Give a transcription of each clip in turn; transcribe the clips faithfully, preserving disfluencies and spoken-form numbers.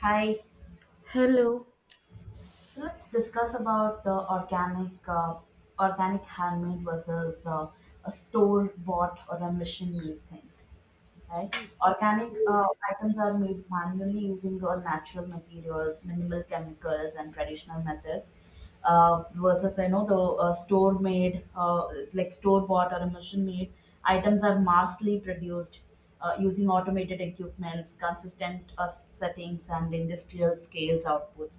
Hi. Hello. So let's discuss about the organic, uh, organic handmade versus uh, a store bought or a machine made things, right? Organic uh, Yes. items are made manually using uh, natural materials, minimal chemicals, and traditional methods. Uh, versus you know the uh, store made, uh, like store bought or machine made items are massively produced uh, using automated equipments, consistent uh, settings and industrial scales outputs.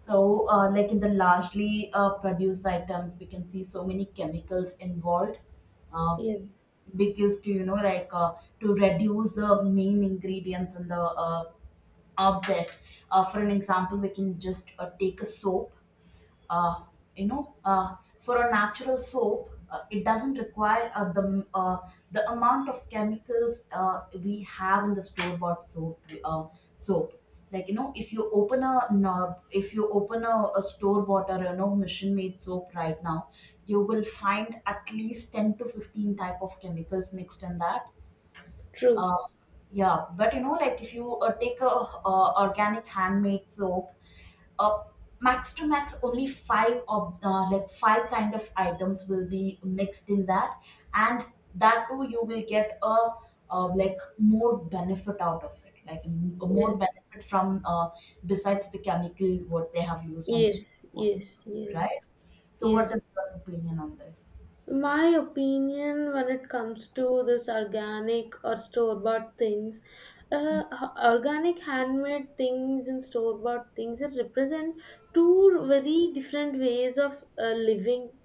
So uh, like in the largely uh, produced items we can see so many chemicals involved. Uh, Yes. because to you know like uh, to reduce the main ingredients in the uh, object, uh, for an example we can just uh, take a soap. uh, you know, uh, for a natural soap, uh, it doesn't require uh, the uh, the amount of chemicals uh, we have in the store bought soap, uh, soap Like you know, if you open a knob, if you open a, a store bought or you know machine made soap right now, you will find at least ten to fifteen type of chemicals mixed in that. True. uh, yeah, but you know like if you uh, take a uh, organic handmade soap, uh, max to max only five of uh, like five kind of items will be mixed in that. And that too you will get a uh, like more benefit out of it, like m- more Yes. benefit from, uh, besides the chemical what they have used on the street, Yes. Yes. Yes. right? So what Yes. is your opinion on this? My opinion when it comes to this organic or store bought things, uh, h- organic handmade things and store bought things it represent two very different ways of uh, living,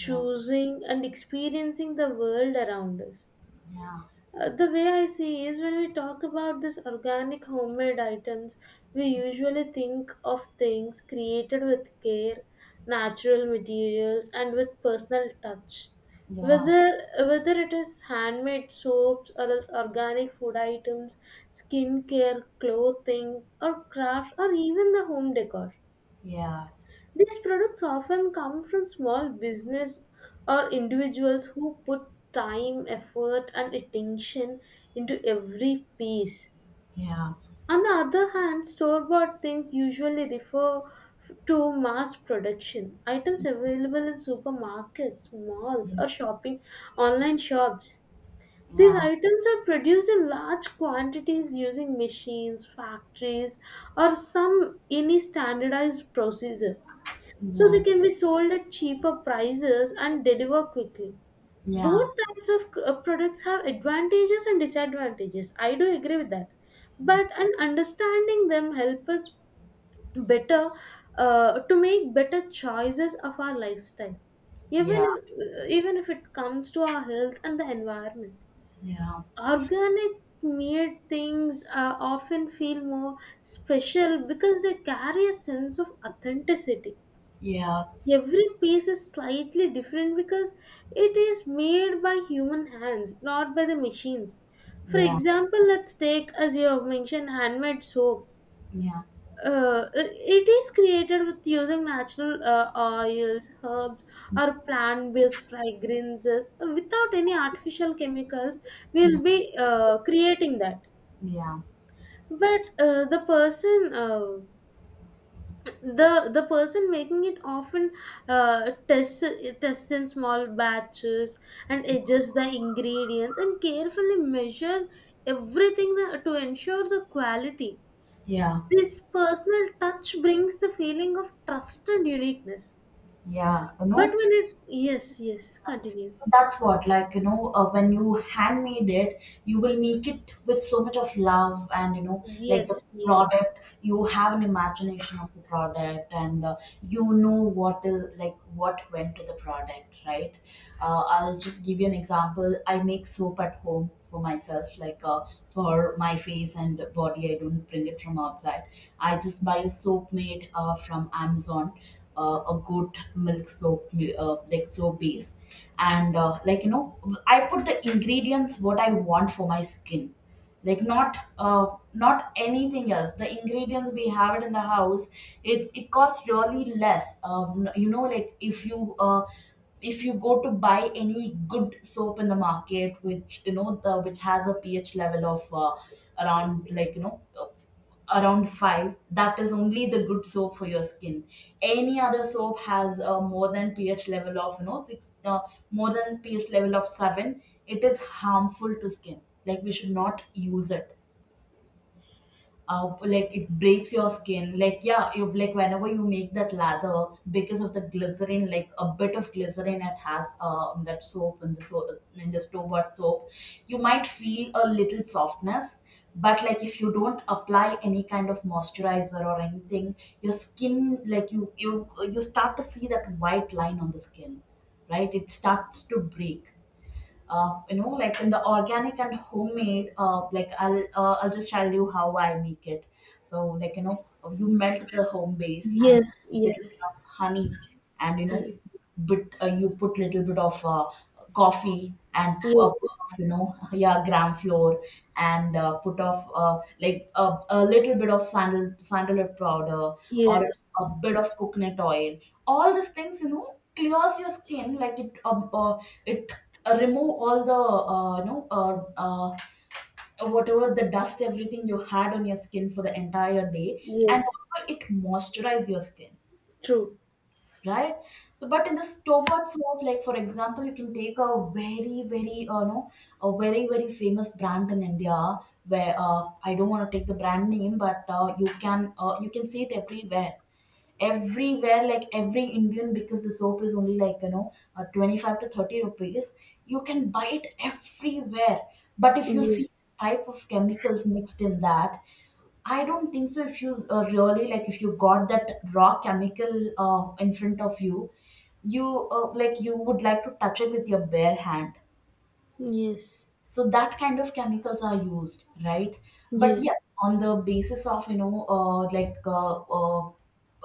Yeah. and experiencing the world around us. Yeah. Uh, the way I see is when we talk about these organic homemade items, we usually think of things created with care, natural materials, and with personal touch. Yeah. Whether whether it is handmade soaps or else organic food items, skincare, clothing, or crafts, or even the home decor. Yeah. These products often come from small business or individuals who put time, effort, and attention into every piece. Yeah. On the other hand, store bought things usually refer f- to mass production, items available in supermarkets, malls, or shopping online shops. These Yeah. items are produced in large quantities using machines, factories, or some any standardized procedure, so they Yeah. can be sold at cheaper prices and deliver quickly. Yeah. Yeah. Both types of uh, products have advantages and disadvantages, I do agree with that, but an understanding them help us better uh, to make better choices of our lifestyle, even Yeah. if, uh, even if it comes to our health and the environment. Yeah. Organic made things uh, often feel more special because they carry a sense of authenticity. Yeah. Every piece is slightly different because it is made by human hands, not by the machines. For example, let's take, as you have mentioned, handmade soap. Yeah. Uh, it is created with using natural uh, oils, herbs, or plant based fragrances without any artificial chemicals. Yeah. We'll be uh, creating that. Yeah. But uh, the person uh, the the person making it often uh, tests tests in small batches and adjusts the ingredients and carefully measures everything that, to ensure the quality. Yeah. This personal touch brings the feeling of trust and uniqueness, Yeah. You but know. when it, yes, yes, continue. So that's what, like, you know, uh, when you handmade it, you will make it with so much of love and, you know, like Yes, the yes, product, you have an imagination of the product and, uh, you know what is, like, what went to the product, right? Uh, I'll just give you an example. I make soap at home for myself, like, uh, for my face and body. I don't bring it from outside. I just buy a soap made uh, from Amazon, uh, a good milk soap, uh, like soap base, and uh, like you know, I put the ingredients what I want for my skin, like not, uh, not anything else, the ingredients we have it in the house. It it costs really less. Um, you know, like if you uh, if you go to buy any good soap in the market which you know the which has a ph level of uh, around, like you know, around five, that is only the good soap for your skin. Any other soap has a more than ph level of you know six, uh, more than ph level of seven, it is harmful to skin, like we should not use it. Uh, like it breaks your skin, like yeah, you like whenever you make that lather because of the glycerin, like a bit of glycerin it has, um, that soap in the soap, in the store bought soap, you might feel a little softness. But like if you don't apply any kind of moisturizer or anything, your skin like you you you start to see that white line on the skin, right? It starts to break. Uh, you know, like in the organic and homemade, uh, like i'll uh, I'll just tell you how I make it. So like you know, you melt the home base and yes, little yes, bit of honey and, you know, yes, bit uh, you put little bit of uh, coffee and uh, yes, put off, you know, yeah, gram flour, and uh, put off uh, like a, a little bit of sandal sandalwood powder, or yes, a bit of coconut oil. All these things, you know, clears your skin, like it, uh, uh, it uh, remove all the uh, you know, uh, uh, whatever the dust, everything you had on your skin for the entire day. And yes, also it moisturize your skin, true, right? So but in the store bought soap, like for example, you can take a very very uh, no a very very famous brand in India where, uh, I don't want to take the brand name, but uh, you can, uh, you can see it everywhere, everywhere, like every Indian, because the soap is only like you know uh, twenty-five to thirty rupees, you can buy it everywhere. But if you see yes, type of chemicals mixed in that, I don't think so. If you uh, really like, if you got that raw chemical uh, in front of you, you uh, like you would like to touch it with your bare hand. yes, So that kind of chemicals are used, right? But yeah, yes, on the basis of you know, uh, like uh, uh,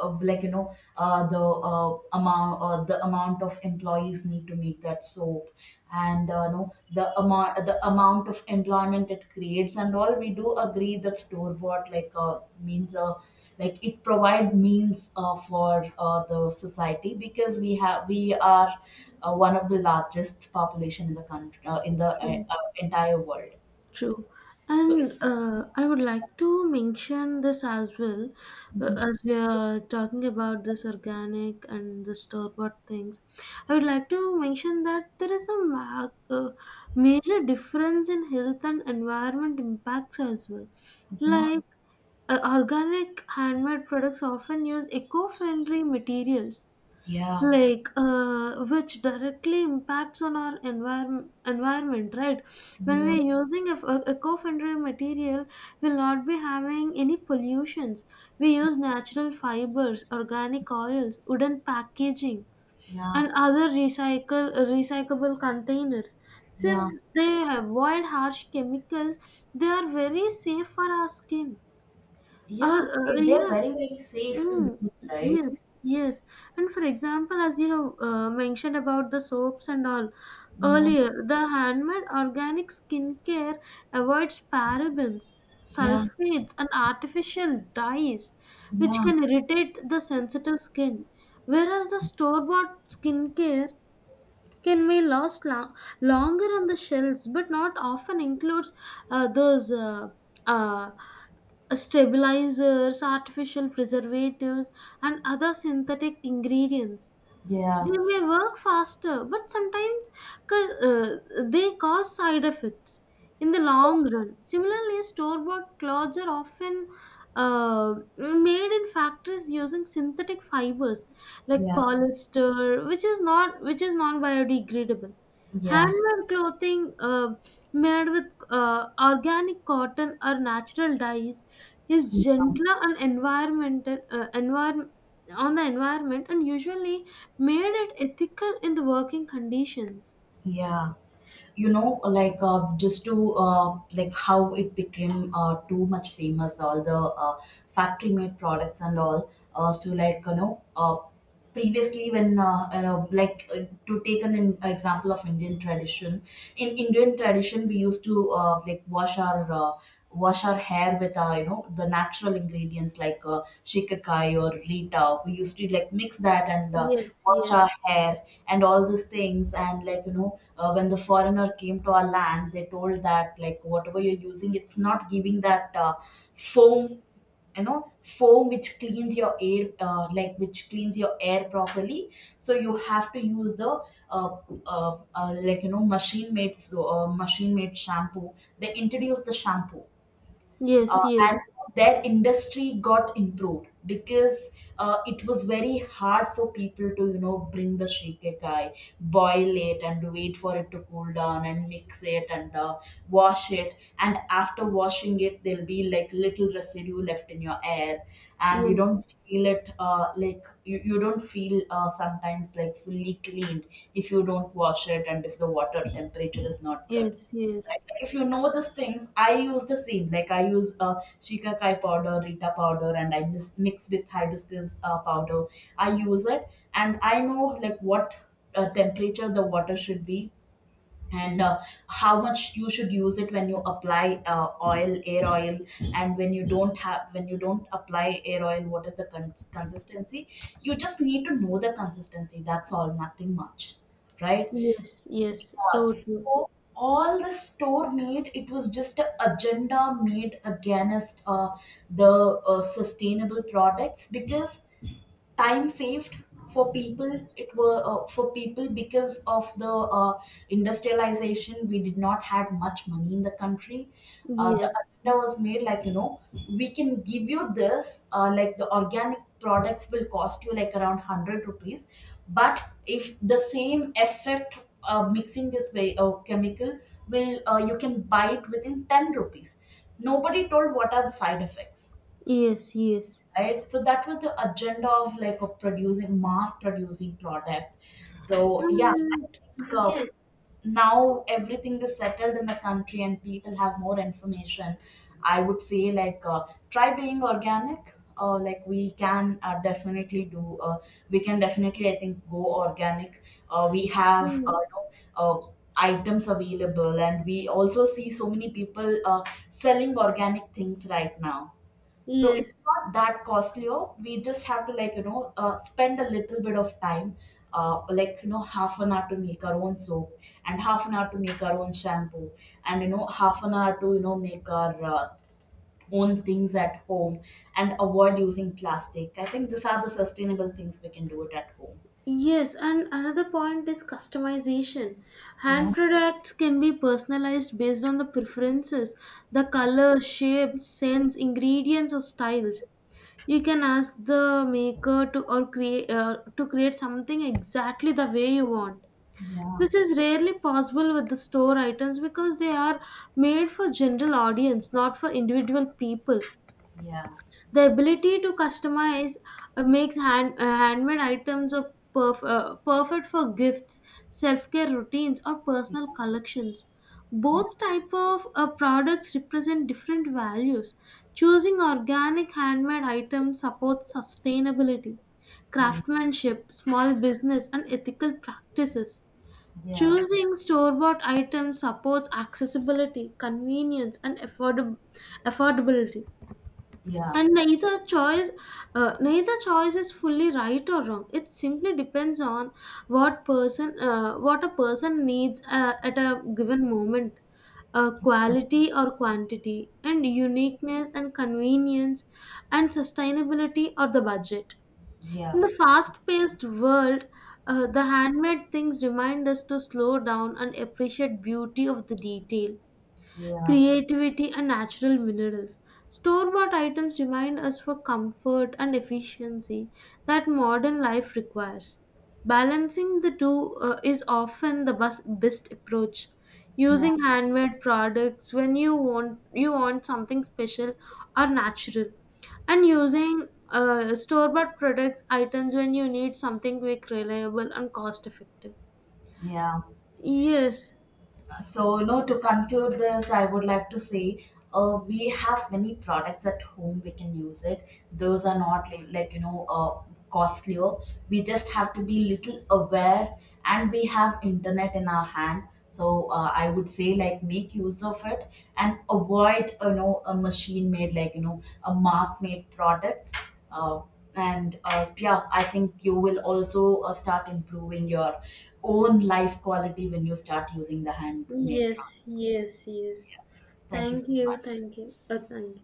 uh, like you know, uh, the uh, amount uh, the amount of employees need to make that soap, and uh, no the amount the amount of employment it creates and all, we do agree that store bought like, uh, means, uh, like it provide means uh, for uh, the society because we have, we are uh, one of the largest population in the country, uh, in the uh, true. uh, entire world, True. so And uh, I would like to mention this as well, uh, as we are talking about this organic and the store-bought things. I would like to mention that there is a ma- uh, major difference in health and environment impacts as well. yeah. Like uh, organic handmade products often use eco-friendly materials, Yeah. like uh, which directly impacts on our environment environment, right? When Yeah. we're using a, a eco-friendly material, we'll not be having any pollutions. We use natural fibers, organic oils, wooden packaging, Yeah. and other recycle recyclable containers. Yeah. Since they avoid harsh chemicals, they are very safe for our skin. Or Yeah. eh, uh, they're yeah. very very safe to Mm, use, right? yes, yes. And for example, as you have uh, mentioned about the soaps and all Yeah. earlier, the handmade organic skincare avoids parabens, Yeah. sulfates, and artificial dyes, which Yeah. can irritate the sensitive skin. Whereas the store-bought skincare can be lost lo- longer on the shelves but not often includes uh, those uh, uh, stabilizers, artificial preservatives, and other synthetic ingredients. Yeah. They may work faster but sometimes ca- uh, they cause side effects in the long run. Similarly, store bought clothes are often uh, made in factories using synthetic fibers like Yeah. polyester, which is not which is non biodegradable. Yeah. Handmade clothing uh, made with uh, organic cotton or natural dyes is Yeah, gentler and environmental uh, envir- on the environment, and usually made it ethical in the working conditions. yeah. You know like uh, just to uh, like how it became uh, too much famous all the uh, factory made products and all. Uh, so like you know, uh, previously when, uh, you know like, uh, to take an in- example of Indian tradition, in Indian tradition we used to uh, like wash our uh, wash our hair with uh, you know the natural ingredients like uh, shikakai or rita, we used to like mix that and uh, Yes, wash our yes. hair and all these things. And like you know uh, when the foreigner came to our land, they told that like whatever you're using it's not giving that, uh, foam, you know, foam which cleans your air, uh, like which cleans your air properly. So you have to use the uh, uh, uh, like you know machine made so, uh, machine made shampoo. They introduced the shampoo, uh, Yes, and yes, their industry got improved because uh, it was very hard for people to you know bring the shikekai, boil it and wait for it to cool down and mix it and uh, wash it. And after washing it there'll be like little residue left in your air, and you yes, don't feel it, uh, like you, you don't feel uh, sometimes like fully cleaned if you don't wash it and if the water temperature is not good. yes, Like, yes, if you know these things, I use the same. Like I use uh, shikakai powder, rita powder, and I mis- mix with hibiscus uh, powder. I use it, and I know like what uh, temperature the water should be, and uh, how much you should use it when you apply uh, oil, air oil, and when you don't have, when you don't apply air oil, what is the con- consistency? You just need to know the consistency. That's all. Nothing much, right? yes, yes, so true. So all the store made it was just an agenda made against, uh, the uh, sustainable products because time saved for people, it were uh, for people because of the uh, industrialization, we did not had much money in the country. Uh, the Yes, agenda was made like you know, we can give you this uh, like the organic products will cost you like around one hundred rupees. But if the same effect uh, mixing this way uh, chemical, will uh, you can buy it within ten rupees. Nobody told what are the side effects, yes, yes. right? So that was the agenda of like of producing, mass producing product. So yeah, I And think uh, yes, now everything is settled in the country and people have more information. I would say like uh, try being organic. Uh, like we can uh, definitely do, uh, we can definitely I think go organic. Uh, we have, uh, mm, you know, uh, items available and we also see so many people uh, selling organic things right now. So yes, it's not that costlier. We just have to like you know uh, spend a little bit of time, uh, like you know half an hour to make our own soap, and half an hour to make our own shampoo, and you know half an hour to you know make our uh, own things at home, and avoid using plastic. I think these are the sustainable things we can do it at home. yes. And another point is customization. Yeah. Hand products can be personalized based on the preferences, the color, shape, scents, ingredients, or styles. You can ask the maker to or create uh, to create something exactly the way you want. Yeah, This is rarely possible with the store items because they are made for general audience, not for individual people. yeah, The ability to customize uh, makes hand, uh, handmade items a perf- uh, perfect for gifts, self care routines, or personal collections. yeah, Both type of uh, products represent different values. Choosing organic handmade items supports sustainability, yeah, craftsmanship, small business, and ethical practices. yeah, Choosing store bought items supports accessibility, convenience, and affordab- affordability. yeah, yeah, And neither choice, uh, neither choice is fully right or wrong. It simply depends on what person, uh, what a person needs uh, at a given moment. Uh, quality or quantity, and uniqueness and convenience, and sustainability or the budget. yeah, In the fast-paced world, uh, the handmade things remind us to slow down and appreciate beauty of the detail, yeah, creativity and natural minerals. Store bought items remind us for comfort and efficiency that modern life requires. Balancing the two uh, is often the bus- best approach. yeah. Using handmade products when you want you want something special or natural, and using uh, store bought products items when you need something quick, reliable, and cost effective. Yeah. Yes, So, no, to conclude this, I would like to say uh, we have many products at home we can use it, those are not li- like you know uh, costlier. We just have to be little aware, and we have internet in our hand. So uh, I would say like make use of it, and avoid you know a machine made, like you know a mass made products. uh, and uh, yeah, I think you will also uh, start improving your own life quality when you start using the handmade product. yes, yes, yes. Yeah. Thank you so Thank you, much. thank you. Uh, thank you.